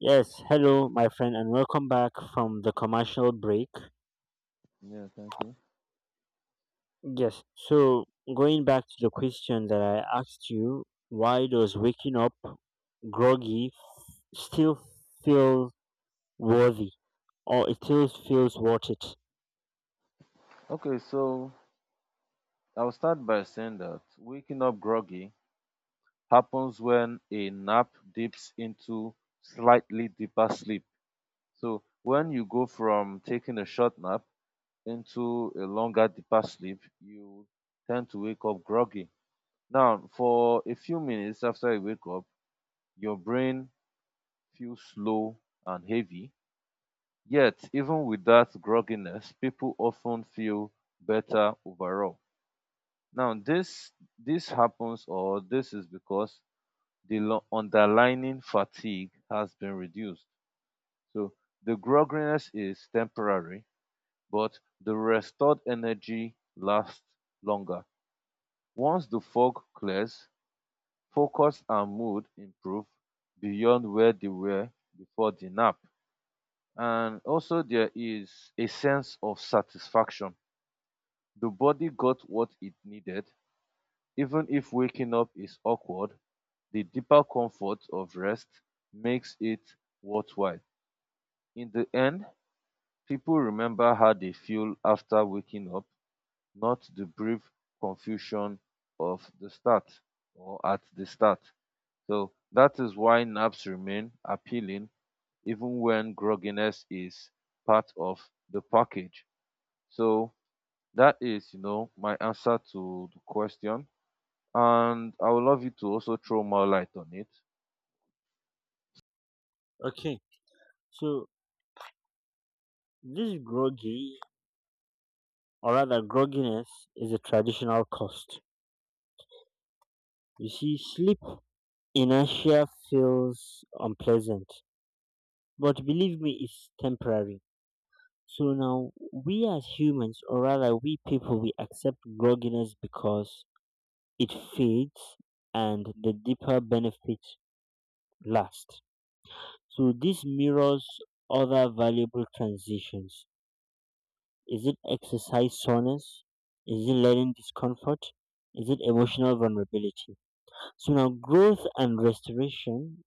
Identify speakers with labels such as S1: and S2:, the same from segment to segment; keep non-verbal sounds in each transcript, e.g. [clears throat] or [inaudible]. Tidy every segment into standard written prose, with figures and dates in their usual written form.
S1: Yes, hello, my friend, and welcome back from the commercial break.
S2: Yeah, thank you.
S1: Yes, so going back to the question that I asked you, why does waking up groggy still feel worthy, or it still feels worth it?
S2: Okay, so I'll start by saying that waking up groggy happens when a nap dips into slightly deeper sleep. So when you go from taking a short nap into a longer, deeper sleep, you tend to wake up groggy. Now, for a few minutes after you wake up, your brain feels slow and heavy. Yet, even with that grogginess, people often feel better overall. Now, this happens or this is because the underlying fatigue has been reduced. So the grogginess is temporary, but the restored energy lasts longer. Once the fog clears, focus and mood improve beyond where they were before the nap. And also there is a sense of satisfaction. The body got what it needed. Even if waking up is awkward, the deeper comfort of rest makes it worthwhile. In the end, people remember how they feel after waking up, not the brief confusion of the start or at the start. So that is why naps remain appealing even when grogginess is part of the package. So that is, you know, my answer to the question, and I would love you to also throw more light on it.
S1: Okay, so this groggy, or rather grogginess, is a traditional cost. You see, sleep inertia feels unpleasant, but believe me, it's temporary. So now we as humans, or rather we people, we accept grogginess because it fades and the deeper benefits last. So this mirrors other valuable transitions. Is it exercise soreness? Is it learning discomfort? Is it emotional vulnerability? So now growth and restoration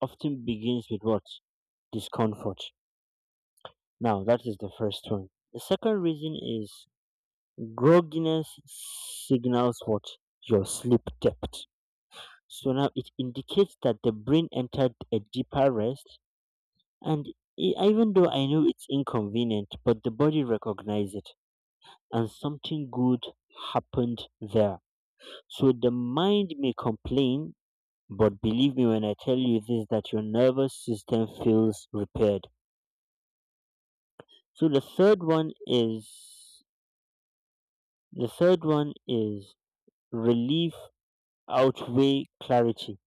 S1: often begins with what? Discomfort. Now that is the first one. The second reason is, grogginess signals what? Your sleep depth. So now it indicates that the brain entered a deeper rest, and even though I know it's inconvenient, but the body recognizes it, and something good happened there. So the mind may complain, but believe me when I tell you this that your nervous system feels repaired. So the third one is, the third one is relief outweigh clarity.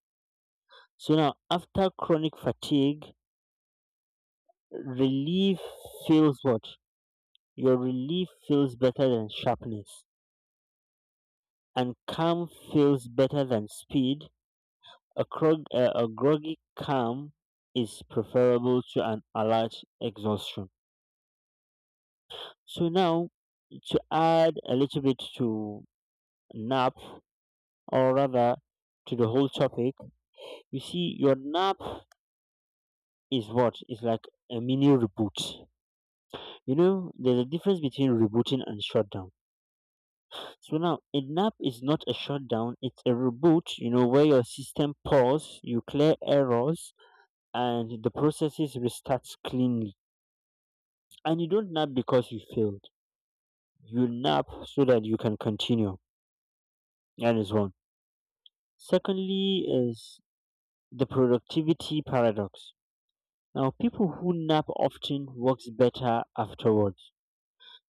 S1: So now, after chronic fatigue, relief feels what? Your relief feels better than sharpness, and calm feels better than speed. A groggy calm is preferable to an alert exhaustion. So now, to add a little bit to nap, or rather to the whole topic, you see, your nap is what? It's like a mini reboot. You know, there's a difference between rebooting and shutdown. So now a nap is not a shutdown, it's a reboot, you know, where your system pause, you clear errors, and the processes restarts cleanly. And you don't nap because you failed. You nap so that you can continue. That is one. Secondly is the productivity paradox. Now people who nap often works better afterwards.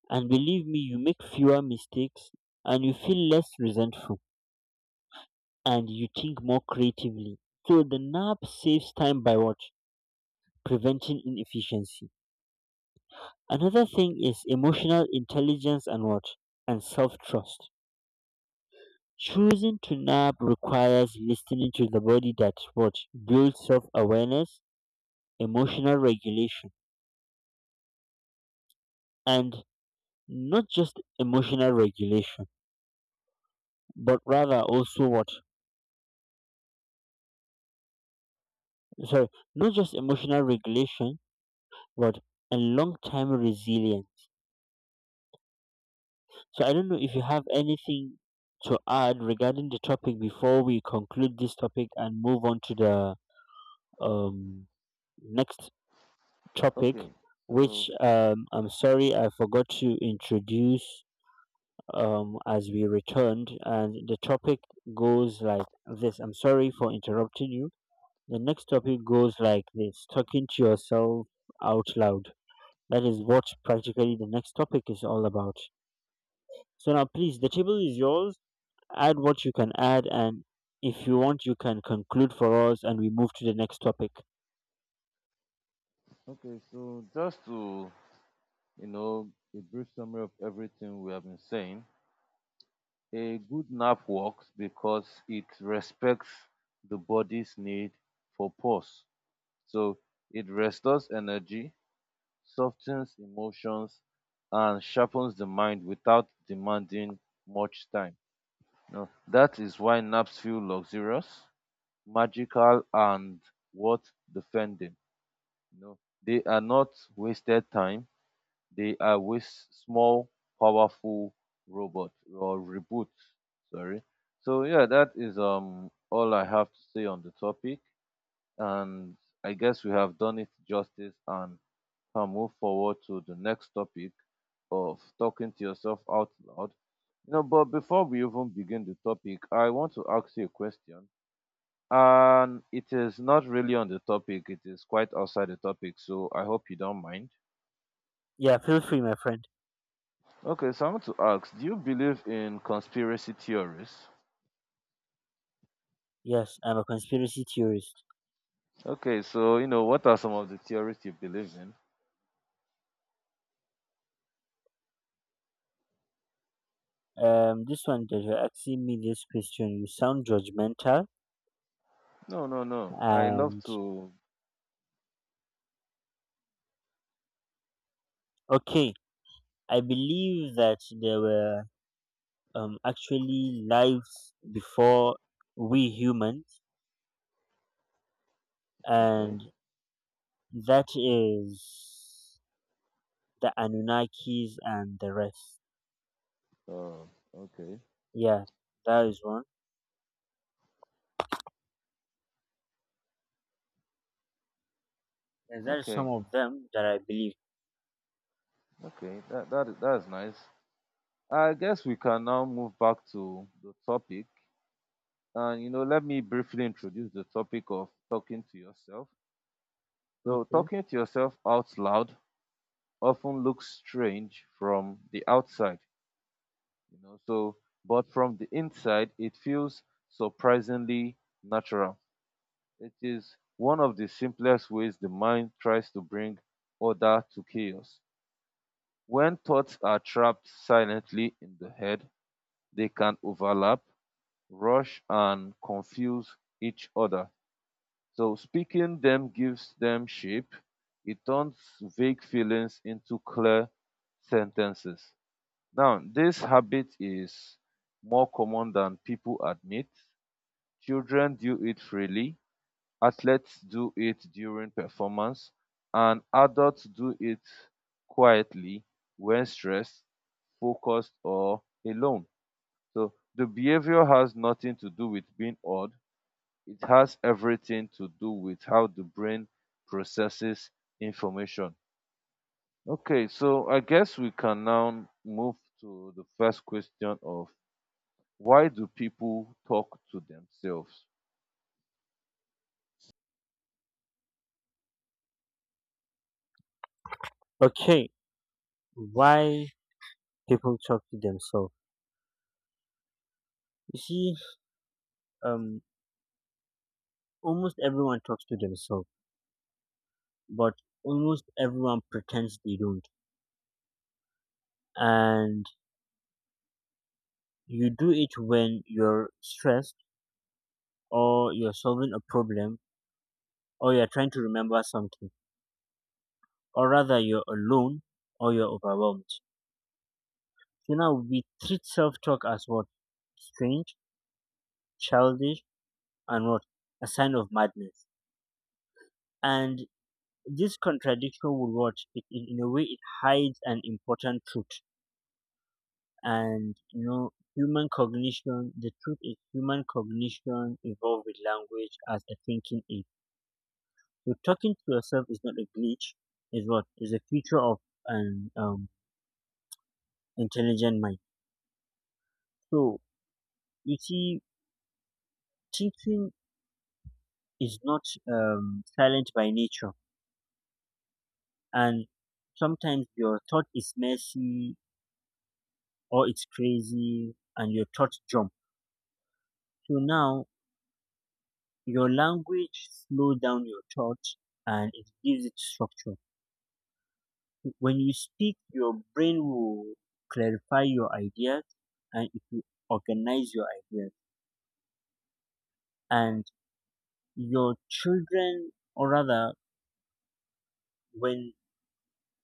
S1: And believe me, you make fewer mistakes and you feel less resentful and you think more creatively. So the nap saves time by what? Preventing inefficiency. Another thing is emotional intelligence and what? And self trust. Choosing to nap requires listening to the body, that what builds self awareness, emotional regulation, and not just emotional regulation, but rather also what, sorry, not just emotional regulation, but a long time resilience. So I don't know if you have anything to add regarding the topic before we conclude this topic and move on to the um, next topic,
S2: Okay,
S1: which
S2: so
S1: I'm sorry I forgot to introduce as we returned. And the topic goes like this, I'm sorry for interrupting you. The next topic goes like this, talking to yourself out loud. That is what practically the next topic is all about. So now, please, the table is yours, add what you can add, and if you want you can conclude for us and we move to the next topic.
S2: okay, so just to you know a brief summary of everything we have been saying. A good nap works because it respects the body's need for pause. So it restores energy, softens emotions, and sharpens the mind without demanding much time. Now, that is why naps feel luxurious, magical, and worth defending. You know, they are not wasted time. They are with small, powerful robot or reboot. Sorry. So yeah, that is all I have to say on the topic, and I guess we have done it justice and can move forward to the next topic of talking to yourself out loud. You know, but before we even begin the topic, I want to ask you a question. And it is not really on the topic, it is quite outside the topic, so I hope you don't mind.
S1: Yeah, feel free, my friend.
S2: Okay, so I want to ask, do you believe in conspiracy theories?
S1: Yes, I'm a conspiracy theorist.
S2: Okay, so you know, what are some of the theories you believe in?
S1: This one that you're asking me this question, you sound judgmental.
S2: No, no, no. I love
S1: And
S2: to.
S1: okay, I believe that there were actually lives before we humans,
S2: Okay.
S1: and that is the Anunnakis and the rest.
S2: Uh, okay.
S1: Yeah, that is one. And there are some
S2: Okay.
S1: of them that I believe.
S2: Okay, that that is nice. I guess we can now move back to the topic, and you know, let me briefly introduce the topic of talking to yourself. So,
S1: Okay.
S2: talking to yourself out loud often looks strange from the outside, you know. So, but from the inside, it feels surprisingly natural. It is one of the simplest ways the mind tries to bring order to chaos. When thoughts are trapped silently in the head, they can overlap, rush, and confuse each other. So, speaking them gives them shape. It turns vague feelings into clear sentences. Now, this habit is more common than people admit. Children do it freely, athletes do it during performance, and adults do it quietly when stressed, focused, or alone. So, the behavior has nothing to do with being odd, it has everything to do with how the brain processes information. Okay, so I guess we can now move to the first question of why do people talk to themselves?
S1: Okay, why people talk to themselves? You see, um, almost everyone talks to themselves, but almost everyone pretends they don't. And you do it when you're stressed, or you're solving a problem, or you're trying to remember something, or rather, you're alone or you're overwhelmed. So now we treat self talk as what? Strange, childish, and what? A sign of madness. And this contradiction would what it, in a way it hides an important truth, and you know human cognition. The truth is human cognition involved with language as a thinking aid. So talking to yourself is not a glitch. Is what, is a feature of an intelligent mind. So you see, thinking is not silent by nature, and sometimes your thought is messy or it's crazy, and your thoughts jump. So now your language slows down your thoughts and it gives it structure. When you speak, your brain will clarify your ideas and it will organize your ideas. And your children, or rather, when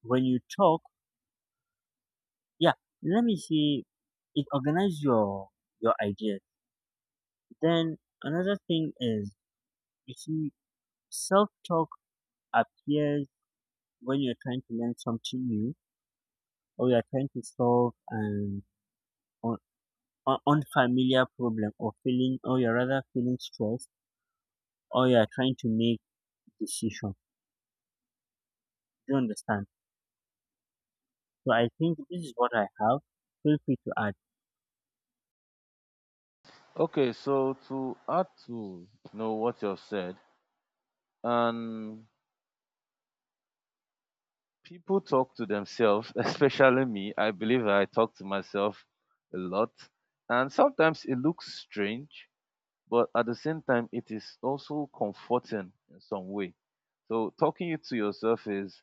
S1: you talk, yeah, let me see, it organizes your ideas. Then another thing is, you see, self talk appears when you're trying to learn something new or you're trying to solve an unfamiliar problem or feeling, or you're rather feeling stressed or you're trying to make decision. Do you understand? So I think this is what I have. Feel free to add.
S2: Okay, so to add to you know what you've said, and people talk to themselves, [laughs] especially me. I believe I talk to myself a lot, and sometimes it looks strange, but at the same time, it is also comforting in some way. So talking it to yourself is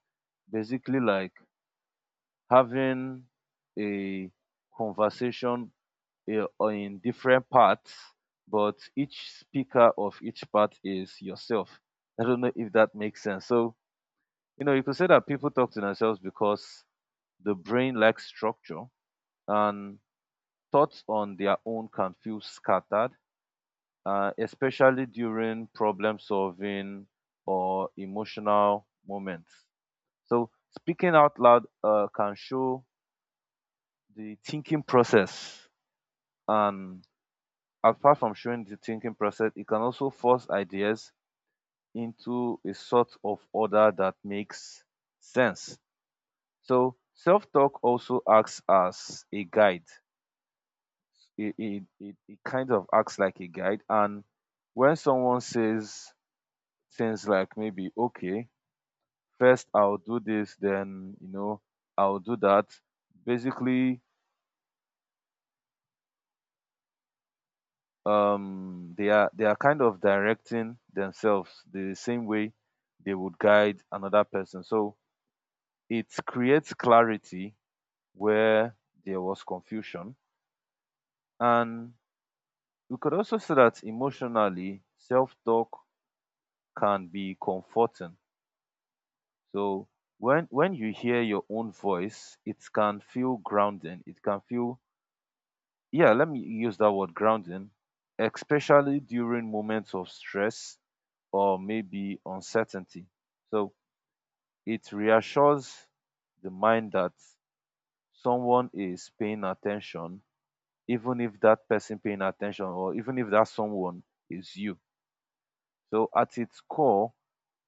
S2: basically like having a conversation in different parts, but each speaker of each part is yourself. I don't know if that makes sense. So, you know, you could say that people talk to themselves because the brain lacks structure and thoughts on their own can feel scattered, especially during problem solving or emotional moments. So, speaking out loud can show the thinking process, and apart from showing the thinking process, it can also force ideas into a sort of order that makes sense. So self-talk also acts as a guide. It kind of acts like a guide. And when someone says things like maybe, okay, first I'll do this, then, you know, I'll do that, basically they are kind of directing themselves the same way they would guide another person, so it creates clarity where there was confusion. And we could also say that emotionally, self-talk can be comforting. So when you hear your own voice, it can feel grounding, it can feel, yeah, let me use that word, grounding, especially during moments of stress or maybe uncertainty. So it reassures the mind that someone is paying attention, even if that person paying attention or even if that someone is you. So at its core,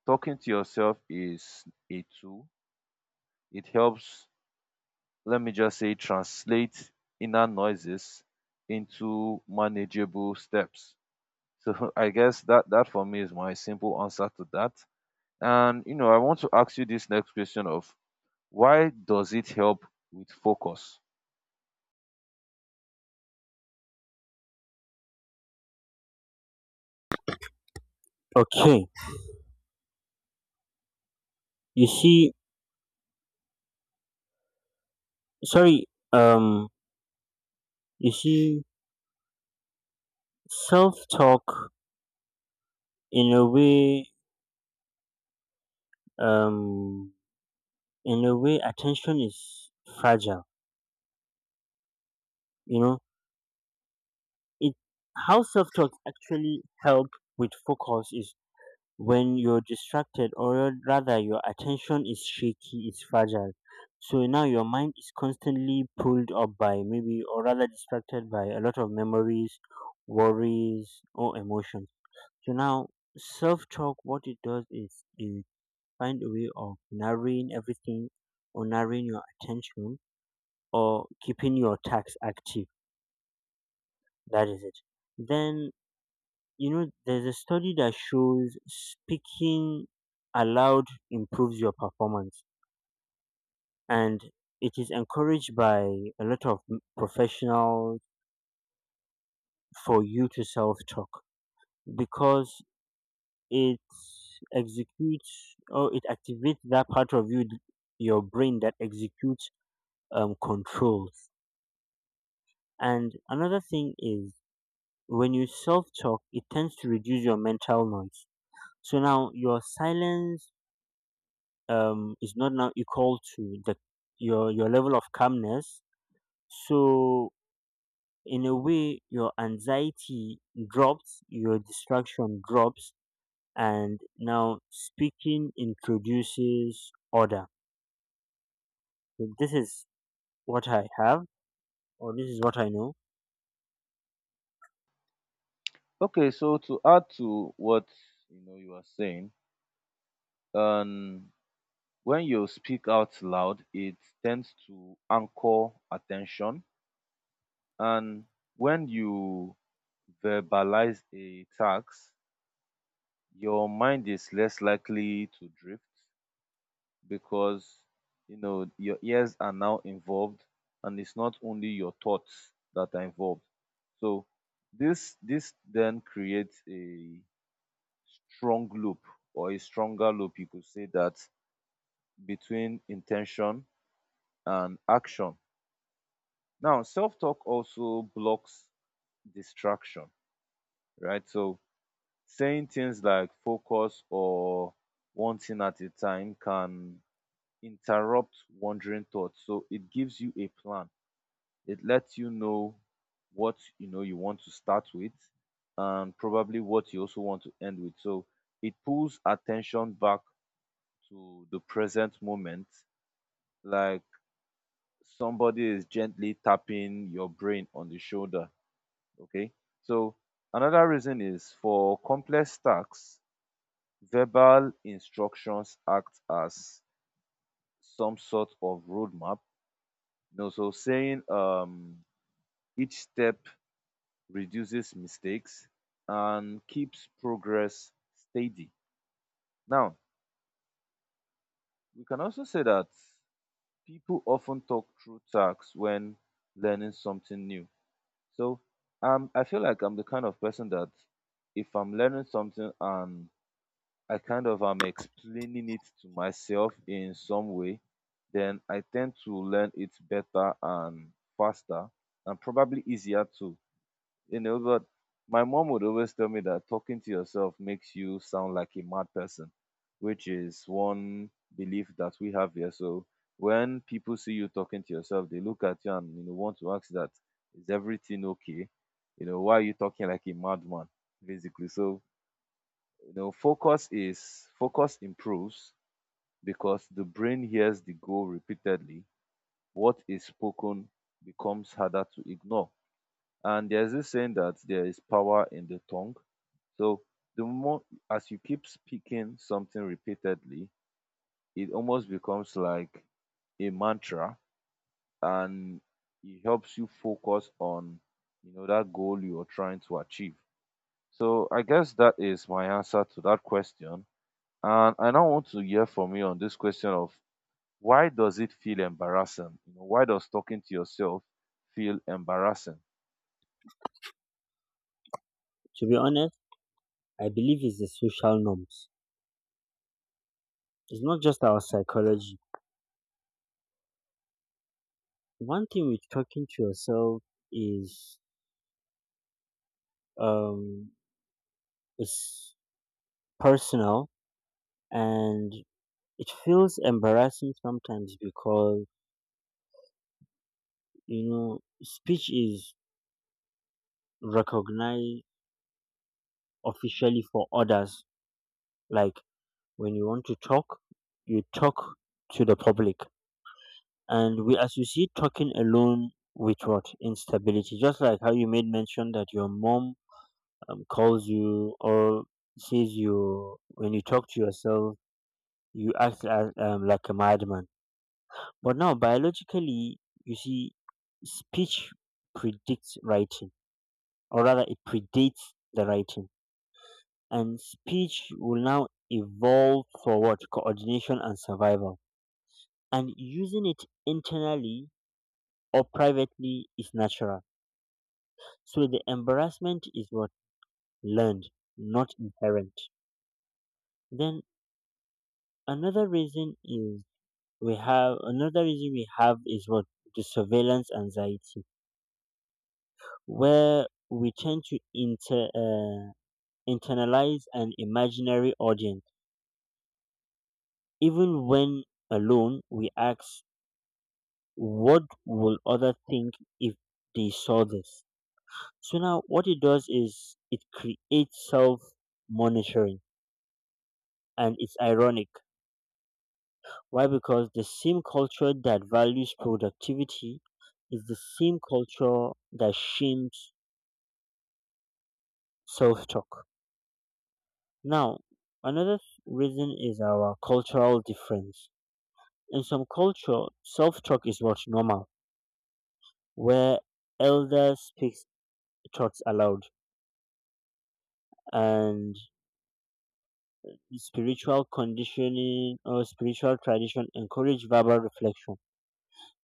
S2: talking to yourself is a tool. It helps, let me just say, translate inner noises into manageable steps. So [laughs] I guess that for me is my simple answer to that. And you know, I want to ask you this next question of why does it help with focus?
S1: Okay, you see, sorry, um you see, self talk in a way, um in a way, attention is fragile, you know. It, how self talk actually help with focus is when you're distracted, or rather your attention is shaky, is fragile. So now your mind is constantly pulled up by maybe, or rather distracted by a lot of memories, worries or emotions. So now self-talk, what it does is it find a way of narrowing everything or narrowing your attention or keeping your tax active. That is it. Then, you know, there's a study that shows speaking aloud improves your performance, and it is encouraged by a lot of professionals for you to self talk because it executes, or it activates that part of you, your brain that executes controls. And another thing is, when you self talk, it tends to reduce your mental noise. So now your silence is not now equal to the your level of calmness. So in a way your anxiety drops, your distraction drops, and now speaking introduces order. So this is what I have, or this is what I know.
S2: Okay, so to add to what you know you are saying, um, when you speak out loud, it tends to anchor attention, and when you verbalize a task, your mind is less likely to drift because you know your ears are now involved, and it's not only your thoughts that are involved. So this then creates a strong loop or a stronger loop, you could say that, between intention and action. Now, self talk also blocks distraction, right? So, saying things like focus or one thing at a time can interrupt wandering thoughts. So, it gives you a plan, it lets you know what you know you want to start with and probably what you also want to end with. So, it pulls attention back to the present moment like somebody is gently tapping your brain on the shoulder. Okay. So another reason is for complex tasks, verbal instructions act as some sort of roadmap. You know, so saying each step reduces mistakes and keeps progress steady. Now, we can also say that people often talk through tasks when learning something new. So I feel like I'm the kind of person that if I'm learning something and I kind of am explaining it to myself in some way, then I tend to learn it better and faster and probably easier too, you know. But my mom would always tell me that talking to yourself makes you sound like a mad person, which is one belief that we have here. So when people see you talking to yourself, they look at you and you know want to ask that, is everything okay, you know, why are you talking like a madman, basically. So you know, focus improves because the brain hears the goal repeatedly. What is spoken becomes harder to ignore, and there's this saying that there is power in the tongue. So the more, as you keep speaking something repeatedly, it almost becomes like a mantra, and it helps you focus on you know that goal you're trying to achieve. So I guess that is my answer to that question. And I now want to hear from you on this question of, why does it feel embarrassing? You know, why does talking to yourself feel embarrassing?
S1: To be honest, I believe it's the social norms, it's not just our psychology. One thing with talking to yourself is, um is personal. And it feels embarrassing sometimes because, you know, speech is recognized officially for others. Like when you want to talk, you talk to the public. And we associate talking alone with what? Instability. Just like how you made mention that your mom calls you, or says you, when you talk to yourself, you act as, like a madman. But now, biologically, you see, speech predicts writing, or rather it predates the writing, and speech will now evolve for what, coordination and survival, and using it internally or privately is natural. So the embarrassment is what, learned, not inherent. Then another reason is, we have another reason we have is what the surveillance anxiety, where we tend to internalize an imaginary audience. Even when alone, we ask, what will other think if they saw this? So now what it does is it creates self monitoring, and it's ironic. Why? Because the same culture that values productivity is the same culture that shames self talk. Now, another reason is our cultural difference. In some culture, self talk is what's normal, where elders speak thoughts aloud, and spiritual conditioning, or spiritual tradition, encourage verbal reflection.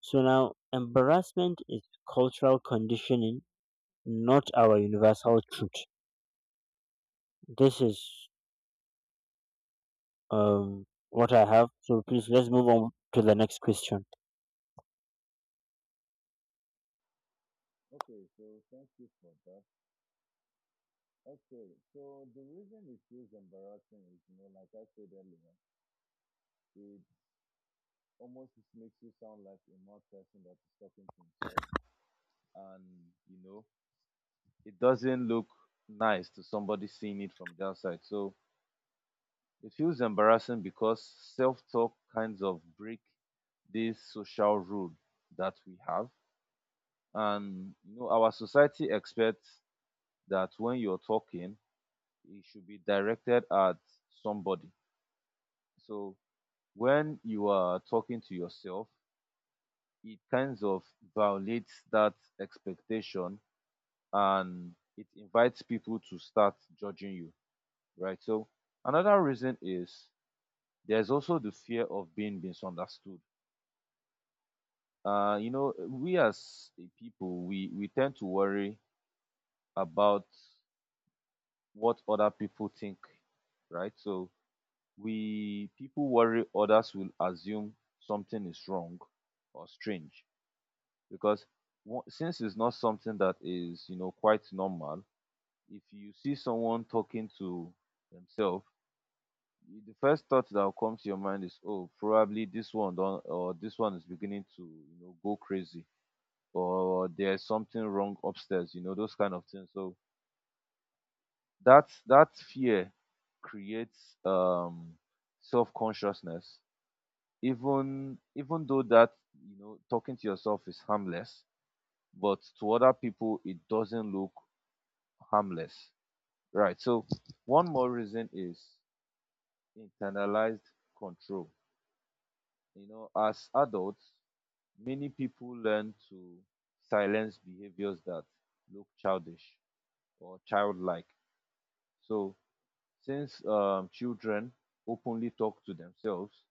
S1: So now embarrassment is cultural conditioning, not our universal truth. This is what I have. So please, let's move on to the next question.
S2: Okay, so thank you for that. Okay, so the reason it feels embarrassing is, you know, like I said earlier, it almost just makes you sound like a mad person that is talking to himself, and you know, it doesn't look nice to somebody seeing it from the outside. So it feels embarrassing because self-talk kinds of break this social rule that we have, and you know, our society expects that when you're talking, it should be directed at somebody. So when you are talking to yourself, it kind of violates that expectation and it invites people to start judging you, right? So another reason is there's also the fear of being misunderstood. You know, we as a people, we tend to worry about what other people think, right? So we people worry others will assume something is wrong or strange because since it's not something that is you know quite normal, if you see someone talking to themselves, the first thought that will come to your mind is, oh, probably this one don or this one is beginning to you know go crazy, or there's something wrong upstairs, you know, those kind of things. So that that fear creates self-consciousness, even though that you know talking to yourself is harmless, but to other people it doesn't look harmless. Right. So one more reason is internalized control. You know, as adults, many people learn to silence behaviors that look childish or childlike. So since children openly talk to themselves,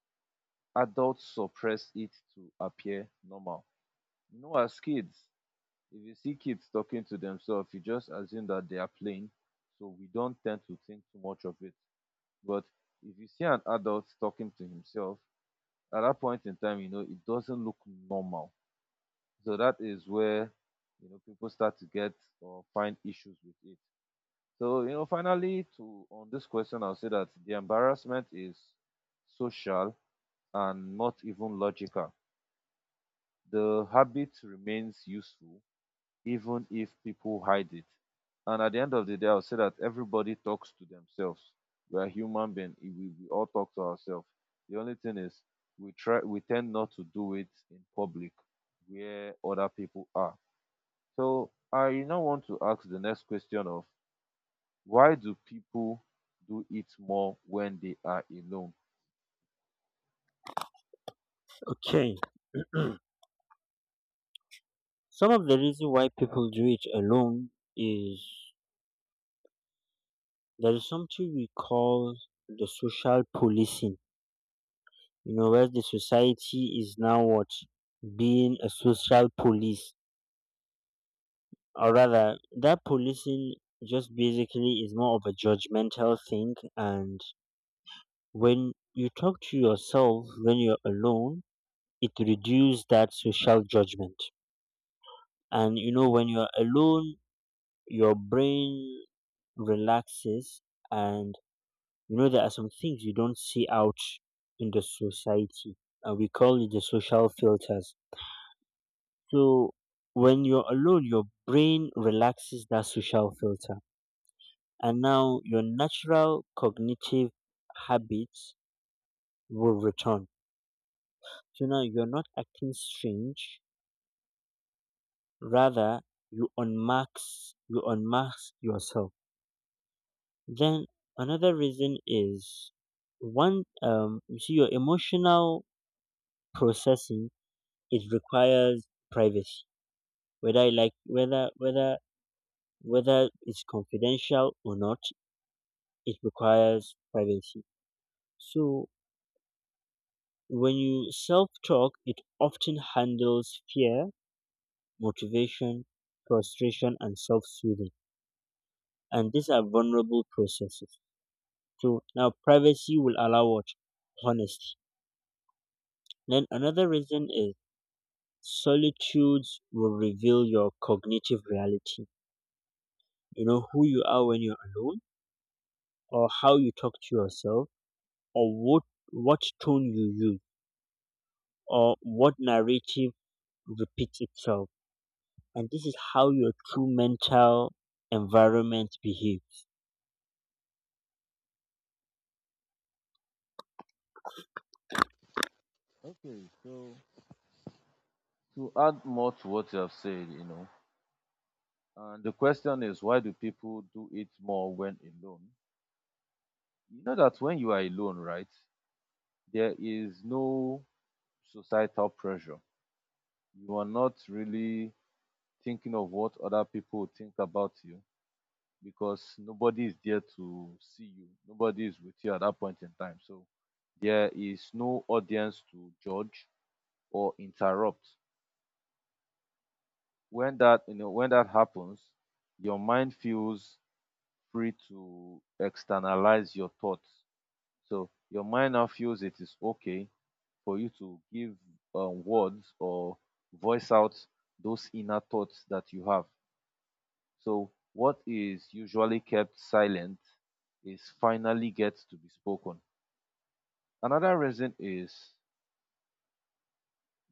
S2: adults suppress it to appear normal. You know, as kids, if you see kids talking to themselves, you just assume that they are playing. So we don't tend to think too much of it. But if you see an adult talking to himself, at that point in time, you know, it doesn't look normal. So that is where, you know, people start to get or find issues with it. So, you know, finally, to on this question, I'll say that the embarrassment is social and not even logical. The habit remains useful even if people hide it. And at the end of the day, I'll say that everybody talks to themselves. We are human beings. We all talk to ourselves. The only thing is we tend not to do it in public where other people are. So I now want to ask the next question of why do people do it more when they are alone?
S1: Okay. [clears throat] Some of the reason why people do it alone is, there is something we call the social policing, you know, where the society is now what, being a social police, or rather, that policing just basically is more of a judgmental thing. And when you talk to yourself when you're alone, it reduces that social judgment. And you know, when you're alone, your brain relaxes, and you know, there are some things you don't see out in the society, and we call it the social filters. So when you're alone, your brain relaxes that social filter, and now your natural cognitive habits will return. So now you're not acting strange, rather you unmask, you unmask yourself. Then another reason is, one, you see, your emotional processing, it requires privacy. Whether I like whether whether whether it's confidential or not, it requires privacy. So when you self talk, it often handles fear, motivation, frustration, and self soothing. And these are vulnerable processes. So now privacy will allow what? Honesty. Then another reason is, solitudes will reveal your cognitive reality. You know, who you are when you're alone, or how you talk to yourself, or what tone you use, or what narrative repeats itself, and this is how your true mental environment behaves.
S2: Okay, so to add more to what you have said, you know, and the question is why do people do it more when alone? You know that when you are alone, right, there is no societal pressure. You are not really thinking of what other people think about you because nobody is there to see you. Nobody is with you at that point in time. So there is no audience to judge or interrupt. When that happens, your mind feels free to externalize your thoughts. So your mind now feels it is okay for you to give words or voice out those inner thoughts that you have. So what is usually kept silent is finally gets to be spoken. Another reason is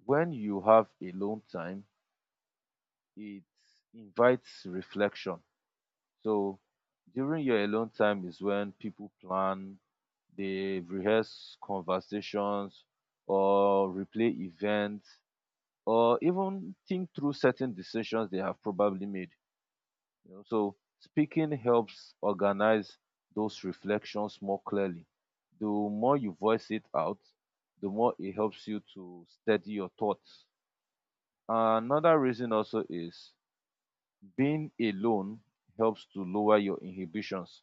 S2: when you have alone time, it invites reflection. So during your alone time is when people plan, they rehearse conversations or replay events or even think through certain decisions they have probably made. You know, so speaking helps organize those reflections more clearly. The more you voice it out, the more it helps you to steady your thoughts. Another reason also is being alone helps to lower your inhibitions.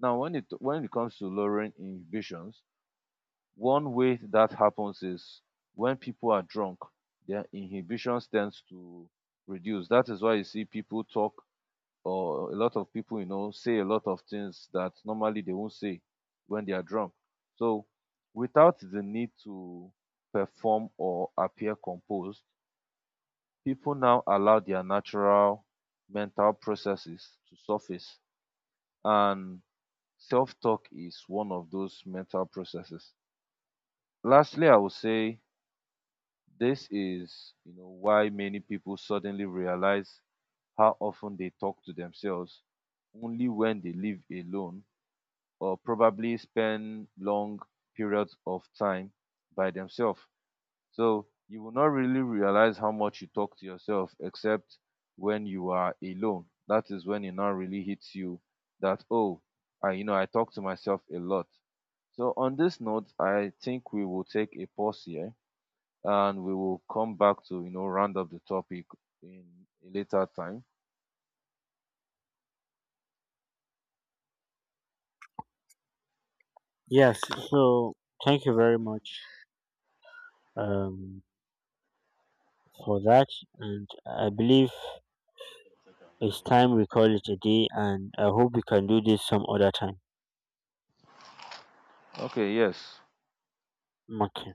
S2: Now, when it comes to lowering inhibitions, one way that happens is when people are drunk, their inhibitions tends to reduce. That is why you see people talk or a lot of people, you know, say a lot of things that normally they won't say when they are drunk. So without the need to perform or appear composed, people now allow their natural mental processes to surface, and self-talk is one of those mental processes. Lastly, I would say this is, you know, why many people suddenly realize how often they talk to themselves only when they live alone or probably spend long periods of time by themselves. So you will not really realize how much you talk to yourself except when you are alone. That is when it now really hits you that oh, I you know I talk to myself a lot. So on this note, I think we will take a pause here and we will come back to, you know, round up the topic in a later time.
S1: Yes, so thank you very much um, for that, and I believe it's time we call it a day, and I hope we can do this some other time.
S2: Okay, yes.
S1: Okay.